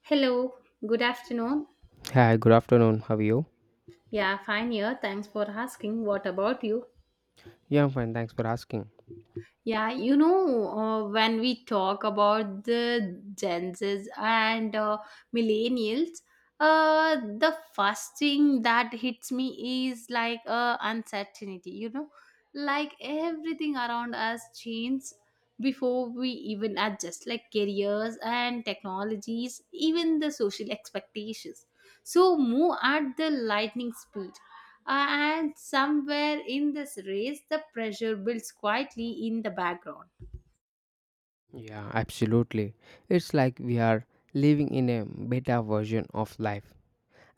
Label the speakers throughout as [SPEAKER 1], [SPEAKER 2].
[SPEAKER 1] Hello, good afternoon.
[SPEAKER 2] Hi, good afternoon. How are you?
[SPEAKER 1] Yeah, fine here. Thanks for asking. What about you?
[SPEAKER 2] Yeah, I'm fine. Thanks for asking.
[SPEAKER 1] Yeah, when we talk about the Gen Zs and millennials, the first thing that hits me is like uncertainty, like everything around us changes before we even adjust, like careers and technologies, even the social expectations, so move at the lightning speed. And somewhere in this race the pressure builds quietly in the background.
[SPEAKER 2] Yeah, absolutely. It's like we are living in a beta version of life.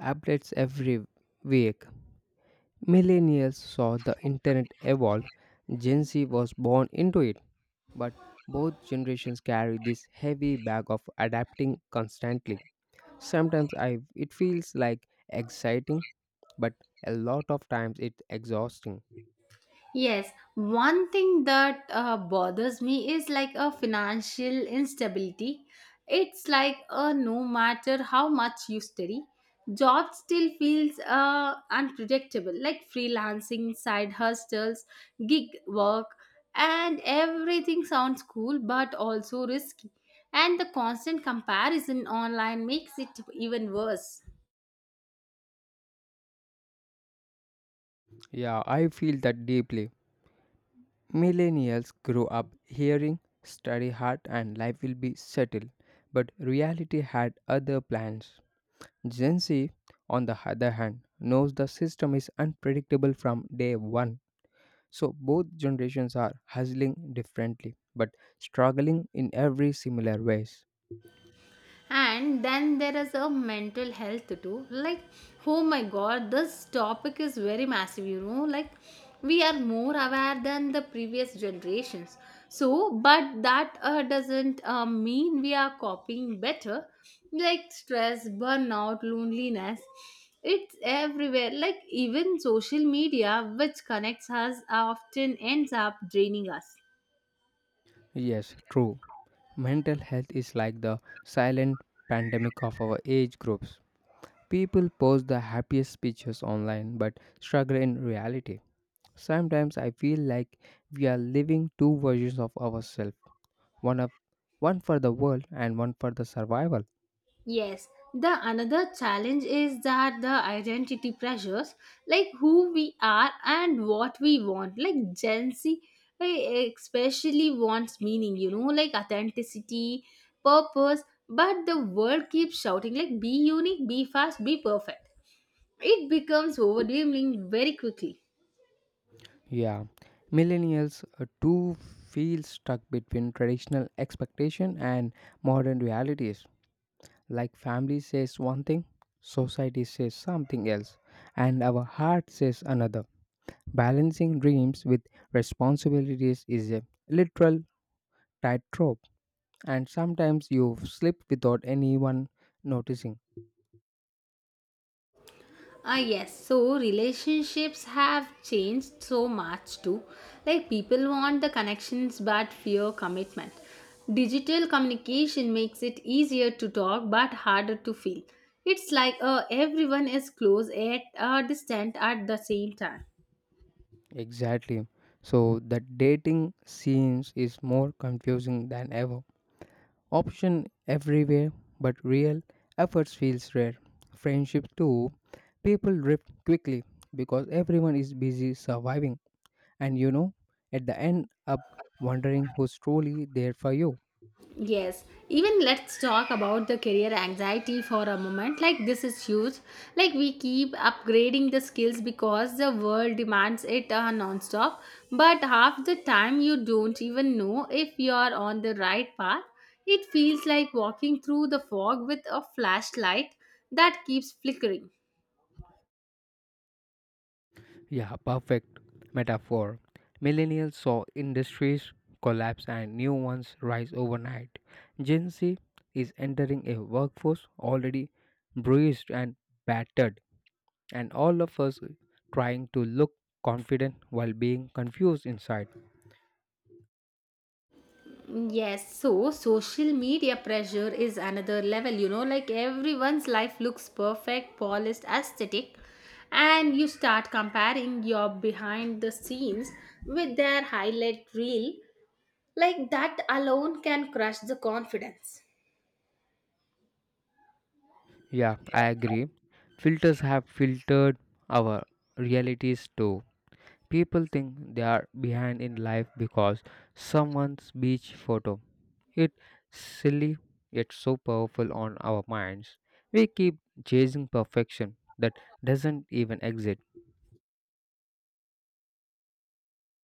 [SPEAKER 2] Updates every week. Millennials saw the internet evolve. Gen Z was born into it. But both generations carry this heavy bag of adapting constantly. Sometimes I it feels like exciting, but a lot of times it's exhausting.
[SPEAKER 1] Yes, one thing that bothers me is like a financial instability. It's like no matter how much you study, job still feels unpredictable, like freelancing, side hustles, gig work, and everything sounds cool but also risky. And the constant comparison online makes it even worse.
[SPEAKER 2] Yeah, I feel that deeply. Millennials grow up hearing study hard and life will be settled, but reality had other plans. Gen Z, on the other hand, knows the system is unpredictable from day one. So both generations are hustling differently, but struggling in every similar ways.
[SPEAKER 1] And then there is a mental health too, like oh my god, this topic is very massive, like we are more aware than the previous generations, so but that doesn't mean we are copying better. Like stress, burnout, loneliness, it's everywhere, like even social media which connects us often ends up draining us.
[SPEAKER 2] Yes, true. Mental health is like the silent pandemic of our age groups. People post the happiest pictures online but struggle in reality. Sometimes I feel like we are living two versions of ourselves, one of one for the world and one for the survival.
[SPEAKER 1] Yes, the another challenge is that the identity pressures, like who we are and what we want, like Gen Z especially wants meaning, like authenticity, purpose, but the world keeps shouting, like be unique, be fast, be perfect. It becomes overwhelming very quickly.
[SPEAKER 2] Yeah, millennials too feel stuck between traditional expectation and modern realities. Like family says one thing, society says something else, and our heart says another. Balancing dreams with responsibilities is a literal tightrope, and sometimes you slip without anyone noticing.
[SPEAKER 1] Ah, yes. So relationships have changed so much too. Like people want the connections but fear commitment. Digital communication makes it easier to talk but harder to feel. It's like everyone is close at distant at the same time.
[SPEAKER 2] Exactly. So the dating scenes is more confusing than ever. Option everywhere, but real efforts feels rare. Friendship too, people drift quickly because everyone is busy surviving and at the end up wondering who's truly there for you.
[SPEAKER 1] Yes, even let's talk about the career anxiety for a moment. Like, this is huge. Like, we keep upgrading the skills because the world demands it non stop. But half the time, you don't even know if you are on the right path. It feels like walking through the fog with a flashlight that keeps flickering.
[SPEAKER 2] Yeah, perfect metaphor. Millennials saw industries collapse and new ones rise overnight. Gen Z is entering a workforce already bruised and battered, and all of us trying to look confident while being confused inside.
[SPEAKER 1] Yes, so social media pressure is another level, like everyone's life looks perfect, polished, aesthetic, and you start comparing your behind the scenes with their highlight reel. Like that alone can crush the confidence.
[SPEAKER 2] Yeah, I agree. Filters have filtered our realities too. People think they are behind in life because someone's beach photo. It's silly yet so powerful on our minds. We keep chasing perfection that doesn't even exist.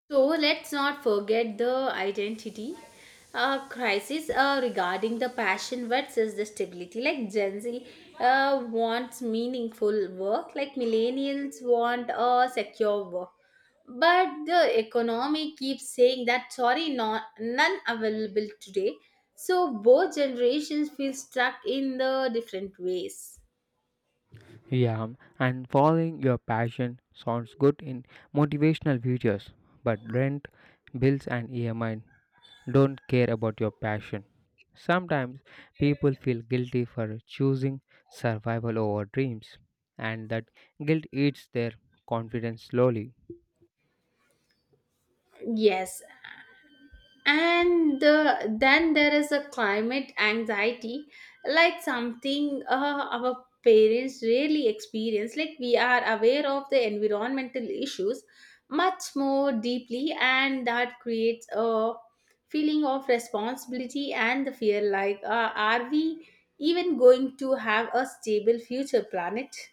[SPEAKER 1] So let's not forget the identity crisis regarding the passion versus the stability. Like Gen Z wants meaningful work, like millennials want a secure work. But the economy keeps saying that sorry, not none available today. So both generations feel stuck in the different ways.
[SPEAKER 2] Yeah, and following your passion sounds good in motivational videos, but rent, bills, and EMI don't care about your passion. Sometimes people feel guilty for choosing survival over dreams, and that guilt eats their confidence slowly.
[SPEAKER 1] Yes, and then there is a climate anxiety, like something our parents really experience, like we are aware of the environmental issues much more deeply, and that creates a feeling of responsibility and the fear, like are we even going to have a stable future planet?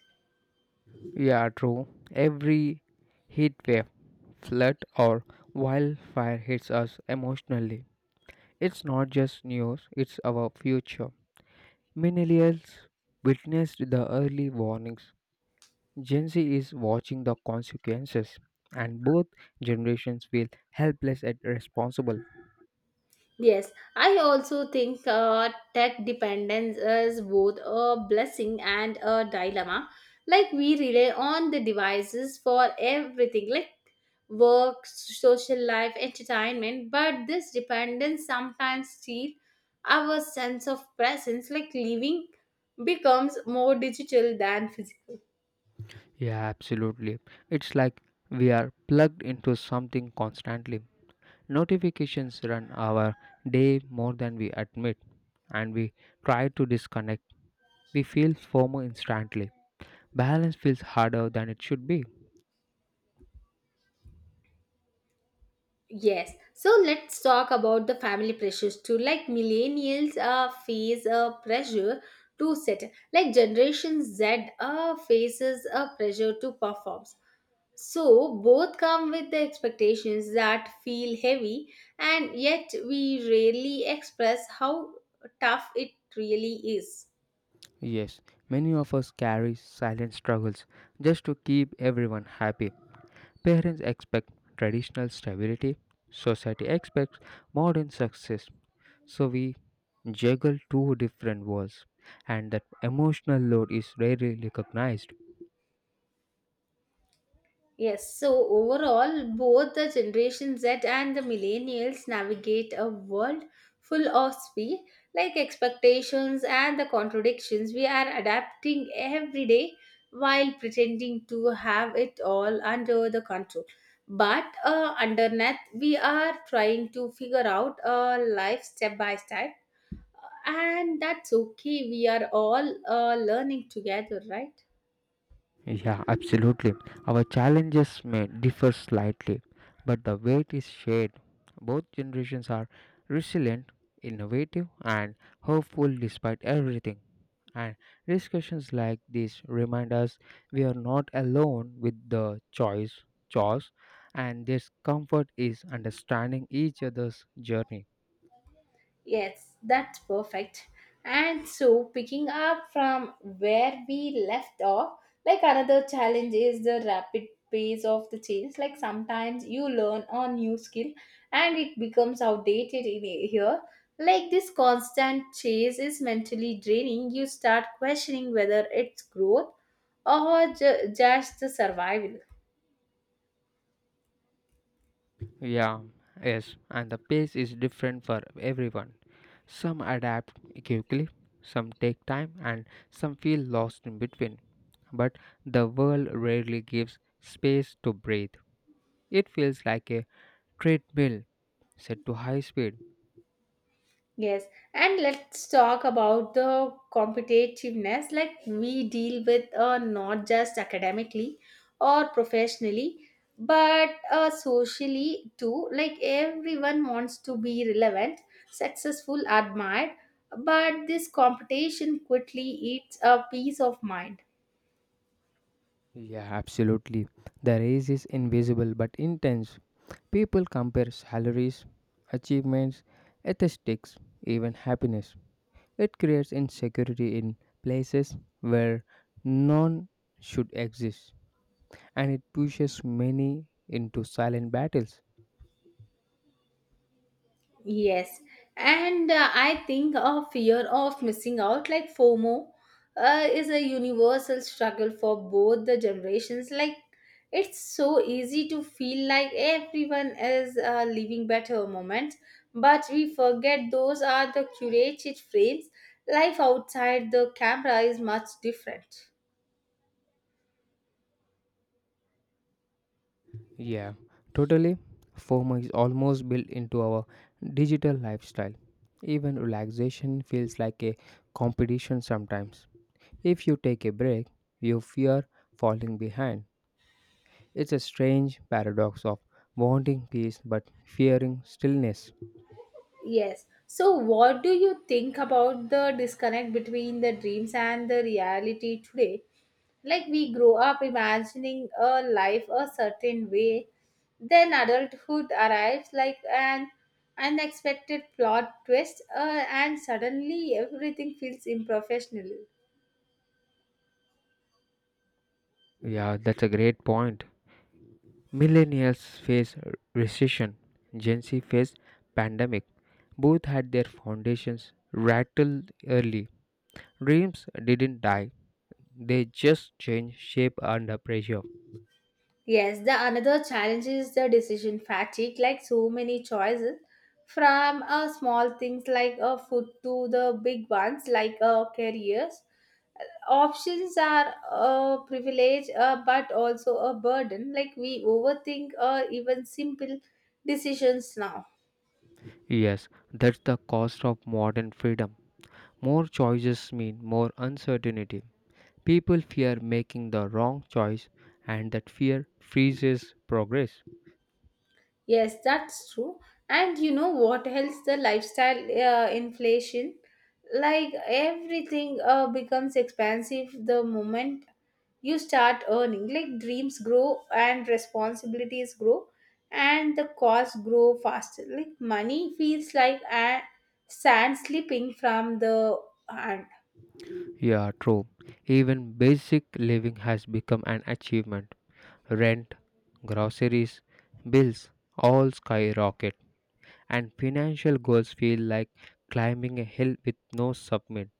[SPEAKER 2] Yeah, true. Every heat wave, flood, or wildfire hits us emotionally. It's not just news, it's our future. Millennials witnessed the early warnings. Gen Z is watching the consequences, and both generations feel helpless and responsible.
[SPEAKER 1] Yes, I also think tech dependence is both a blessing and a dilemma. Like, we rely on the devices for everything, like work, social life, entertainment, but this dependence sometimes steals our sense of presence, like, living becomes more digital than physical.
[SPEAKER 2] Yeah, absolutely. It's like we are plugged into something constantly. Notifications run our day more than we admit, and we try to disconnect. We feel FOMO instantly. Balance feels harder than it should be.
[SPEAKER 1] Yes. So let's talk about the family pressures too. Like millennials face a pressure to settle. Like Generation Z faces a pressure to perform. So both come with the expectations that feel heavy, and yet we rarely express how tough it really is.
[SPEAKER 2] Yes, many of us carry silent struggles just to keep everyone happy. Parents expect traditional stability, society expects modern success. So we juggle two different worlds, and that emotional load is rarely recognized.
[SPEAKER 1] Yes, so overall, both the Generation Z and the Millennials navigate a world full of speed, like expectations and the contradictions. We are adapting every day while pretending to have it all under the control. But underneath, we are trying to figure out a life step by step, and that's okay. We are all learning together, right?
[SPEAKER 2] Yeah, absolutely. Our challenges may differ slightly, but the weight is shared. Both generations are resilient, innovative, and hopeful despite everything. And discussions like this remind us we are not alone with the choice, chores, and this comfort is understanding each other's journey.
[SPEAKER 1] Yes, that's perfect. And so, picking up from where we left off, like another challenge is the rapid pace of the change. Like sometimes you learn a new skill and it becomes outdated in a year. Like this constant chase is mentally draining. You start questioning whether it's growth or just the survival.
[SPEAKER 2] Yeah, yes, and the pace is different for everyone. Some adapt quickly, some take time, and some feel lost in between. But the world rarely gives space to breathe. It feels like a treadmill set to high speed.
[SPEAKER 1] Yes, and let's talk about the competitiveness, like we deal with not just academically or professionally but socially too. Like everyone wants to be relevant, successful, admired, but this competition quickly eats a peace of mind.
[SPEAKER 2] Yeah, absolutely. The race is invisible but intense. People compare salaries, achievements, statistics, even happiness. It creates insecurity in places where none should exist, and it pushes many into silent battles.
[SPEAKER 1] Yes, and I think a fear of missing out, like FOMO, is a universal struggle for both the generations. Like, it's so easy to feel like everyone is living better moments, but we forget those are the curated frames. Life outside the camera is much different.
[SPEAKER 2] Yeah, totally. FOMO is almost built into our digital lifestyle. Even relaxation feels like a competition sometimes. If you take a break, you fear falling behind. It's a strange paradox of wanting peace but fearing stillness.
[SPEAKER 1] Yes. So, what do you think about the disconnect between the dreams and the reality today? Like we grow up imagining a life a certain way, then adulthood arrives like an unexpected plot twist, and suddenly everything feels unprofessional.
[SPEAKER 2] Yeah, that's a great point. Millennials face recession, Gen Z face pandemic. Both had their foundations rattled early. Dreams didn't die, they just changed shape under pressure.
[SPEAKER 1] Yes, the another challenge is the decision fatigue, like so many choices, from small things like a food to the big ones like careers. Options are a privilege, but also a burden. Like we overthink even simple decisions now.
[SPEAKER 2] Yes, that's the cost of modern freedom. More choices mean more uncertainty. People fear making the wrong choice, and that fear freezes progress.
[SPEAKER 1] Yes, that's true. And you know what else? The lifestyle inflation, like everything becomes expensive the moment you start earning. Like dreams grow and responsibilities grow, and the costs grow faster. Like money feels like a sand slipping from the hand.
[SPEAKER 2] Yeah, true. Even basic living has become an achievement. Rent, groceries, bills all skyrocket, and financial goals feel like climbing a hill with no summit.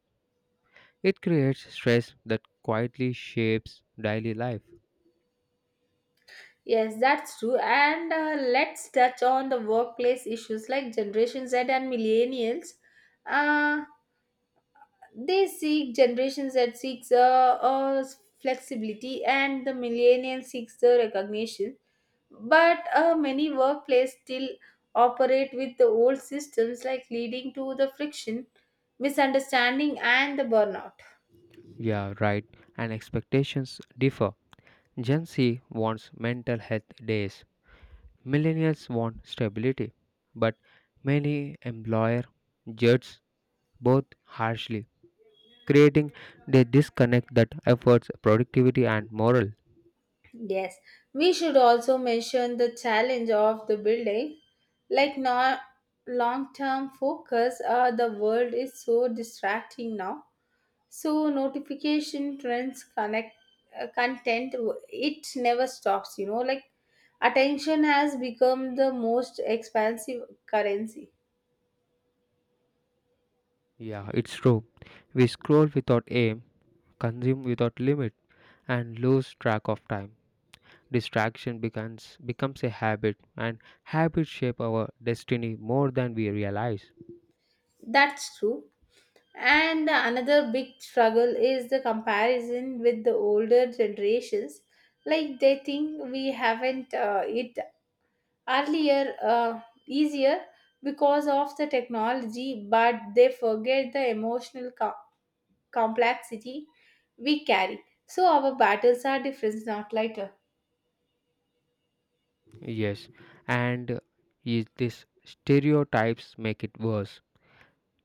[SPEAKER 2] It creates stress that quietly shapes daily life.
[SPEAKER 1] Yes, that's true. And let's touch on the workplace issues, like Generation Z and millennials. Uh, they seek generations that seeks flexibility, and the millennial seeks the recognition, but many workplaces still operate with the old systems, like leading to the friction, misunderstanding, and the burnout.
[SPEAKER 2] Yeah, right. And expectations differ. Gen Z wants mental health days. Millennials want stability. But many employer judge both harshly creating the disconnect that efforts, productivity, and moral.
[SPEAKER 1] Yes, we should also mention the challenge of the building. Like not long-term focus, the world is so distracting now. So notification trends connect content. It never stops. You know, like attention has become the most expensive currency.
[SPEAKER 2] Yeah, it's true. We scroll without aim, consume without limit, and lose track of time. Distraction becomes a habit, and habits shape our destiny more than we realize.
[SPEAKER 1] That's true. And the another big struggle is the comparison with the older generations. Like they think we haven't it earlier, easier because of the technology, but they forget the emotional complexity we carry. So our battles are different, not lighter.
[SPEAKER 2] Yes, and is this stereotypes make it worse.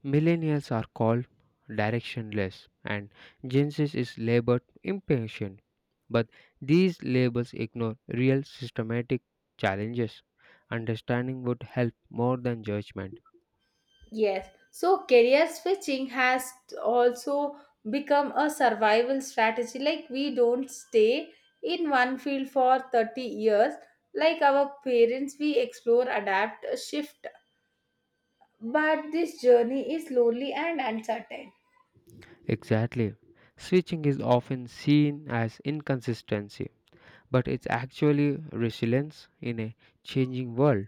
[SPEAKER 2] Millennials are called directionless, and Gen Z is labeled impatient. But these labels ignore real systematic challenges. Understanding would help more than judgment.
[SPEAKER 1] Yes, so career switching has also become a survival strategy. Like, we don't stay in one field for 30 years. Like our parents, we explore, adapt, shift. But this journey is lonely and uncertain.
[SPEAKER 2] Exactly. Switching is often seen as inconsistency, but it's actually resilience in a changing world.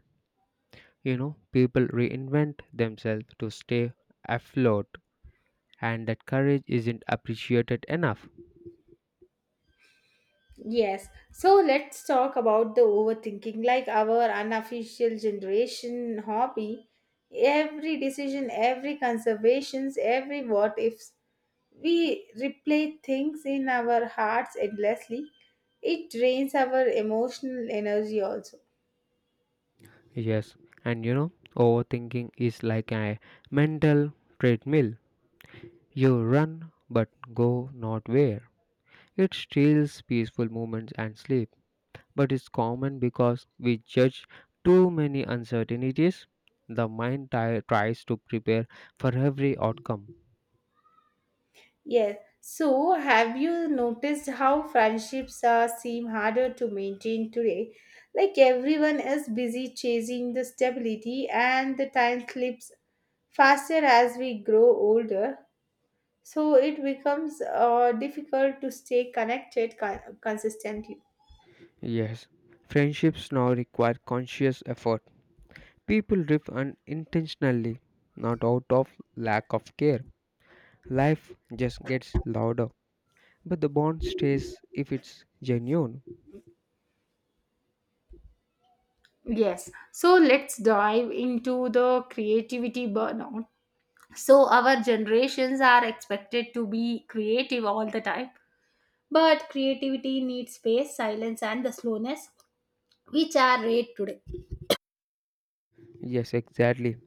[SPEAKER 2] You know, people reinvent themselves to stay afloat, and that courage isn't appreciated enough.
[SPEAKER 1] Yes. So let's talk about the overthinking, like our unofficial generation hobby. Every decision, every conservations, every what ifs. We replay things in our hearts endlessly. It drains our emotional energy also.
[SPEAKER 2] Yes, and you know, overthinking is like a mental treadmill. You run but go not where. It steals peaceful moments and sleep, but it's common because we judge too many uncertainties. The mind tries to prepare for every outcome.
[SPEAKER 1] Yes. So, have you noticed how friendships are seem harder to maintain today? Like everyone is busy chasing the stability, and the time slips faster as we grow older. So it becomes difficult to stay connected consistently.
[SPEAKER 2] Yes, friendships now require conscious effort. People drift unintentionally, not out of lack of care. Life just gets louder, but the bond stays if it's genuine.
[SPEAKER 1] Yes. So let's dive into the creativity burnout. So our generations are expected to be creative all the time. But creativity needs space, silence, and the slowness, which are rare today.
[SPEAKER 2] Yes, exactly.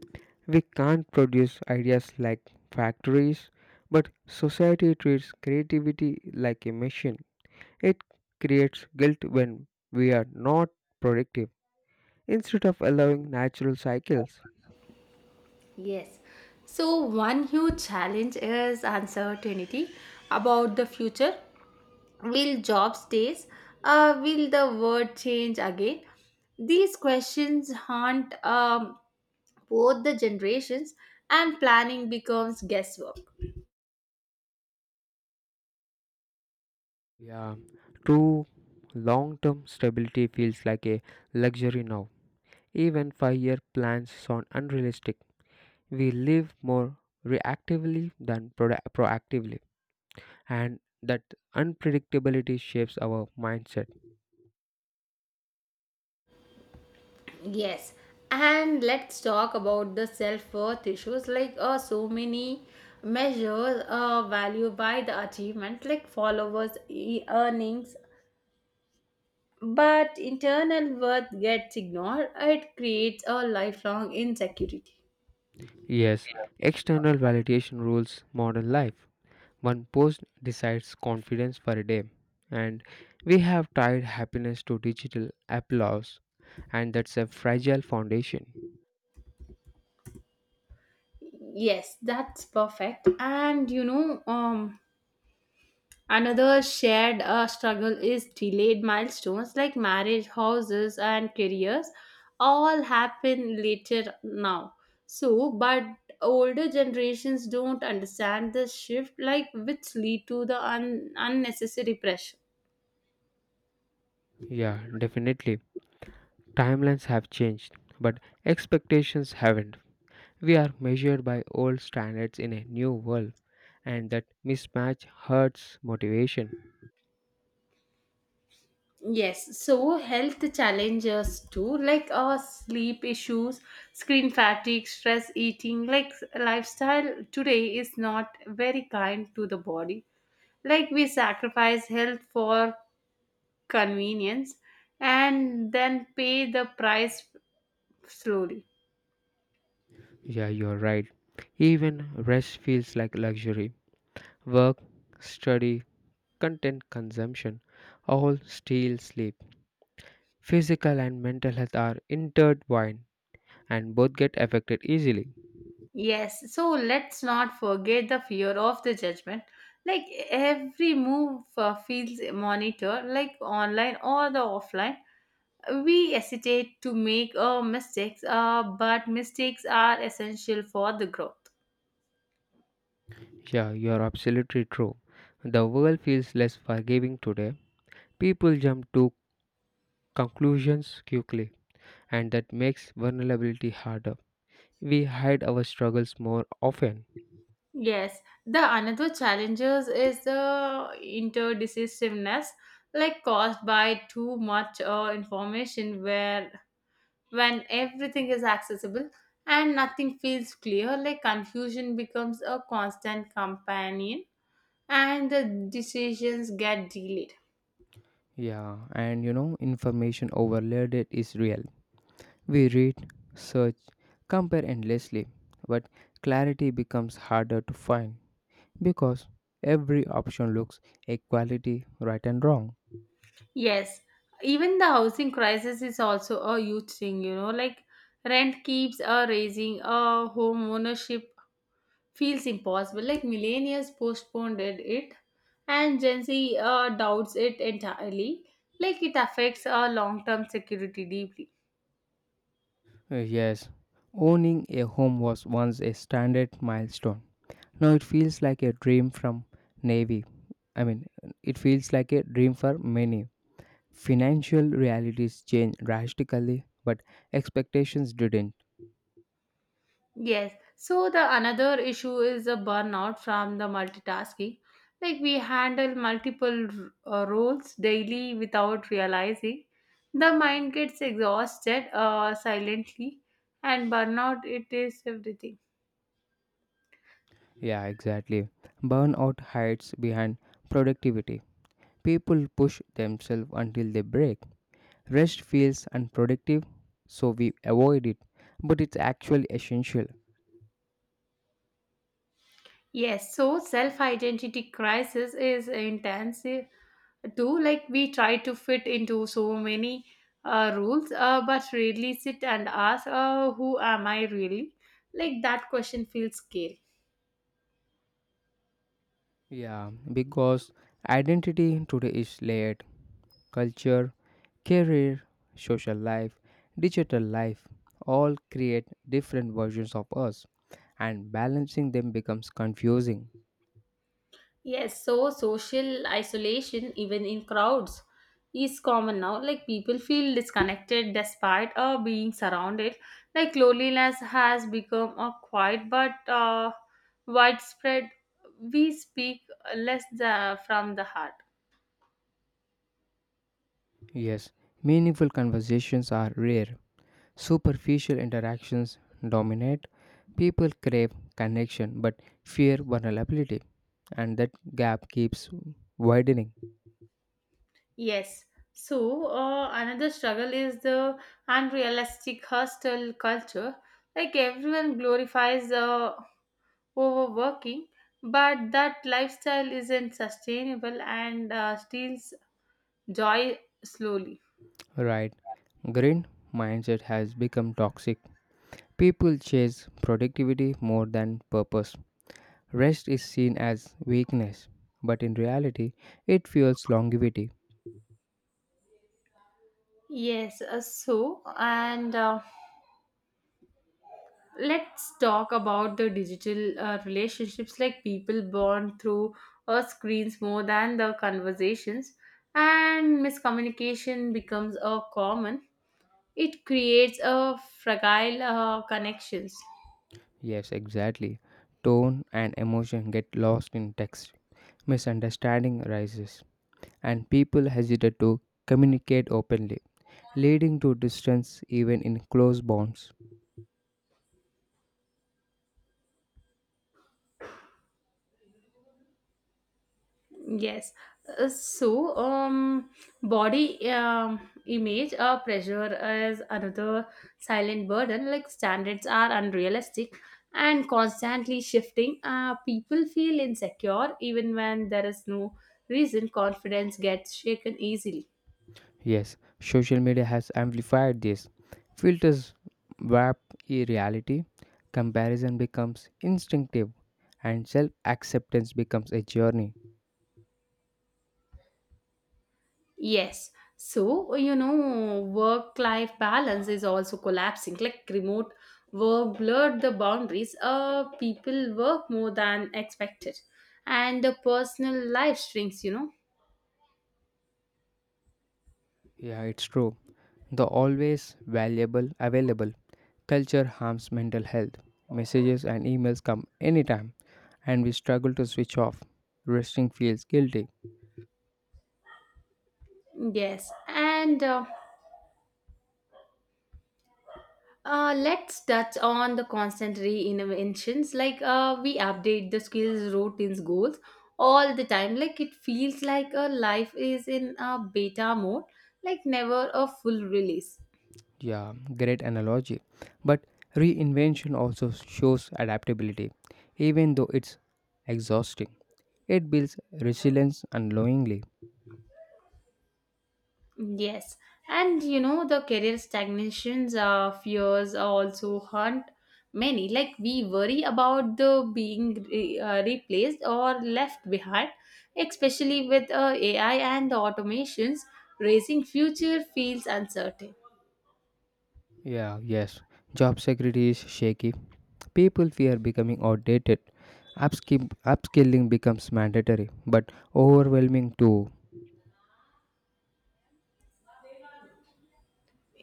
[SPEAKER 2] We can't produce ideas like factories, but society treats creativity like a machine. It creates guilt when we are not productive instead of allowing natural cycles.
[SPEAKER 1] Yes. So, one huge challenge is uncertainty about the future. Will jobs stay? Will the world change again? These questions haunt both the generations, and planning becomes guesswork.
[SPEAKER 2] Yeah, true. Long term stability feels like a luxury now. Even 5 year plans sound unrealistic. We live more reactively than proactively, and that unpredictability shapes our mindset.
[SPEAKER 1] Yes, and let's talk about the self worth issues. Like, so many measures value by the achievement, like followers, earnings, but internal worth gets ignored. It creates a lifelong insecurity.
[SPEAKER 2] Yes, external validation rules modern life. One post decides confidence for a day, and we have tied happiness to digital applause, and that's a fragile foundation.
[SPEAKER 1] Yes, that's perfect. And another shared struggle is delayed milestones like marriage, houses, and careers all happen later now. So, but older generations don't understand the shift, like which lead to the unnecessary pressure.
[SPEAKER 2] Yeah, definitely. Timelines have changed, but expectations haven't. We are measured by old standards in a new world, and that mismatch hurts motivation.
[SPEAKER 1] Yes, so health challenges too, like our sleep issues, screen fatigue, stress eating, like lifestyle today is not very kind to the body. Like we sacrifice health for convenience and then pay the price slowly.
[SPEAKER 2] Yeah, you're right. Even rest feels like luxury. Work, study, content consumption all steal sleep. Physical and mental health are intertwined and both get affected easily.
[SPEAKER 1] Yes, so let's not forget the fear of the judgment. Like every move feels monitored, like online or the offline. We hesitate to make mistakes, but mistakes are essential for the growth.
[SPEAKER 2] Yeah, you are absolutely true. The world feels less forgiving today. People jump to conclusions quickly, and that makes vulnerability harder. We hide our struggles more often.
[SPEAKER 1] Yes, the another challenges is the interdecisiveness, like caused by too much information, where when everything is accessible and nothing feels clear, like confusion becomes a constant companion, and the decisions get delayed.
[SPEAKER 2] Yeah, and you know, information overloaded is real. We read, search, compare endlessly, but clarity becomes harder to find, because every option looks equality right and wrong.
[SPEAKER 1] Yes, even the housing crisis is also a huge thing, you know, like rent keeps raising, home ownership feels impossible. Like millennials postponed it and Gen Z doubts it entirely. Like it affects our long term security deeply.
[SPEAKER 2] Yes, owning a home was once a standard milestone. Now it feels like a dream from Navy. I mean, it feels like a dream for many. Financial realities changed drastically, but expectations didn't.
[SPEAKER 1] Yes. So the another issue is the burnout from the multitasking. Like we handle multiple roles daily without realizing. The mind gets exhausted silently, and burnout it is everything.
[SPEAKER 2] Yeah, exactly. Burnout hides behind productivity. People push themselves until they break. Rest feels unproductive, so we avoid it, but it's actually essential.
[SPEAKER 1] Yes. So self identity crisis is intensive too. Like we try to fit into so many rules, but really sit and ask, who am I really? Like that question feels scary.
[SPEAKER 2] Yeah, because identity today is layered. Culture, career, social life, digital life all create different versions of us, and balancing them becomes confusing.
[SPEAKER 1] Yes, so social isolation, even in crowds, is common now. Like people feel disconnected despite being surrounded. Like loneliness has become a quiet but widespread. We speak less from the heart.
[SPEAKER 2] Yes, meaningful conversations are rare. Superficial interactions dominate. People crave connection but fear vulnerability, and that gap keeps widening.
[SPEAKER 1] Yes. So, another struggle is the unrealistic hostel culture. Like everyone glorifies overworking, but that lifestyle isn't sustainable and steals joy slowly.
[SPEAKER 2] Right? Green mindset has become toxic. People chase productivity more than purpose. Rest is seen as weakness, but in reality, it fuels longevity.
[SPEAKER 1] Yes, so and let's talk about the digital relationships, like people bond through screens more than the conversations, and miscommunication becomes a common, it creates a fragile connections.
[SPEAKER 2] Yes, exactly. Tone and emotion get lost in text. Misunderstanding arises, and people hesitate to communicate openly, leading to distance even in close bonds.
[SPEAKER 1] Yes. So, body image or pressure is another silent burden. Like standards are unrealistic and constantly shifting. People feel insecure even when there is no reason. Confidence gets shaken easily.
[SPEAKER 2] Yes, social media has amplified this. Filters warp reality, comparison becomes instinctive, and self acceptance becomes a journey.
[SPEAKER 1] Yes. So, work life balance is also collapsing. Like remote work blurred the boundaries. People work more than expected, and the personal life shrinks.
[SPEAKER 2] Yeah, it's true. The always valuable, available culture harms mental health. Messages and emails come anytime, and we struggle to switch off. Resting feels guilty.
[SPEAKER 1] Yes. And let's touch on the constant reinventions. Like we update the skills, routines, goals all the time. Like it feels like a life is in a beta mode, like never a full release.
[SPEAKER 2] Yeah, great analogy. But reinvention also shows adaptability, even though it's exhausting. It builds resilience unknowingly.
[SPEAKER 1] Yes, and you know the career stagnations fears also haunt many. Like we worry about the being replaced or left behind, especially with AI and automations, raising future feels uncertain.
[SPEAKER 2] Yeah, yes. Job security is shaky. People fear becoming outdated. Upskilling becomes mandatory, but overwhelming too.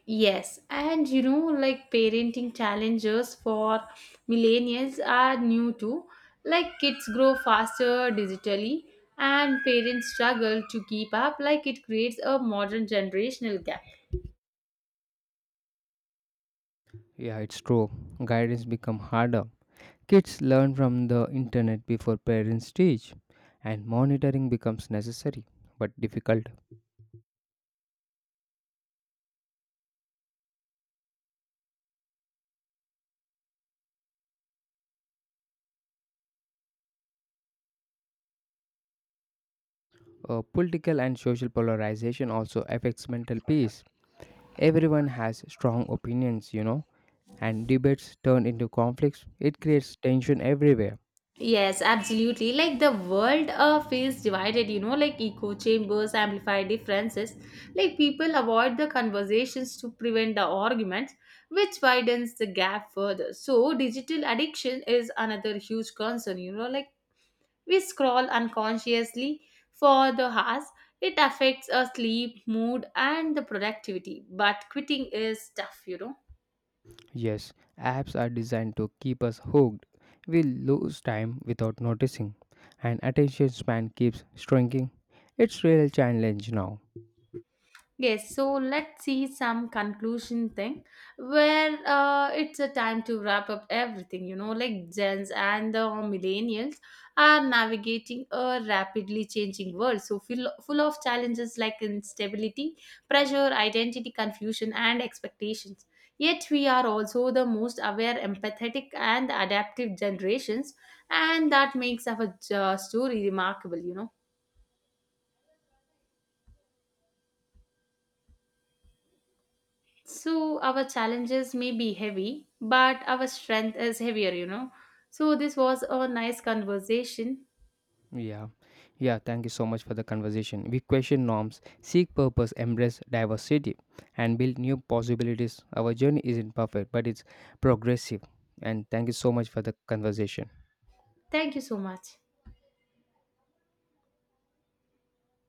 [SPEAKER 1] Yes, and like parenting challenges for millennials are new too. Like kids grow faster digitally, and parents struggle to keep up. Like it creates a modern generational gap.
[SPEAKER 2] Yeah, it's true. Guidance become harder. Kids learn from the internet before parents teach, and monitoring becomes necessary but difficult. Political and social polarization also affects mental peace. Everyone has strong opinions, you know, and debates turn into conflicts. It creates tension everywhere.
[SPEAKER 1] Yes, absolutely. Like the world feels divided, like echo chambers amplify differences. Like people avoid the conversations to prevent the arguments, which widens the gap further. So, digital addiction is another huge concern, like we scroll unconsciously for the hours. It affects our sleep, mood, and the productivity. But quitting is tough.
[SPEAKER 2] Yes, apps are designed to keep us hooked. We lose time without noticing, and attention span keeps shrinking. It's real challenge now.
[SPEAKER 1] Yes, so let's see some conclusion thing where it's a time to wrap up everything. Like Gens and the millennials are navigating a rapidly changing world, so full, full of challenges like instability, pressure, identity confusion, and expectations. Yet, we are also the most aware, empathetic, and adaptive generations, and that makes our story remarkable. So our challenges may be heavy, but our strength is heavier. So this was a nice conversation.
[SPEAKER 2] Yeah, yeah, thank you so much for the conversation. We question norms, seek purpose, embrace diversity, and build new possibilities. Our journey isn't perfect, but it's progressive. And thank you so much for the conversation.
[SPEAKER 1] Thank you so much.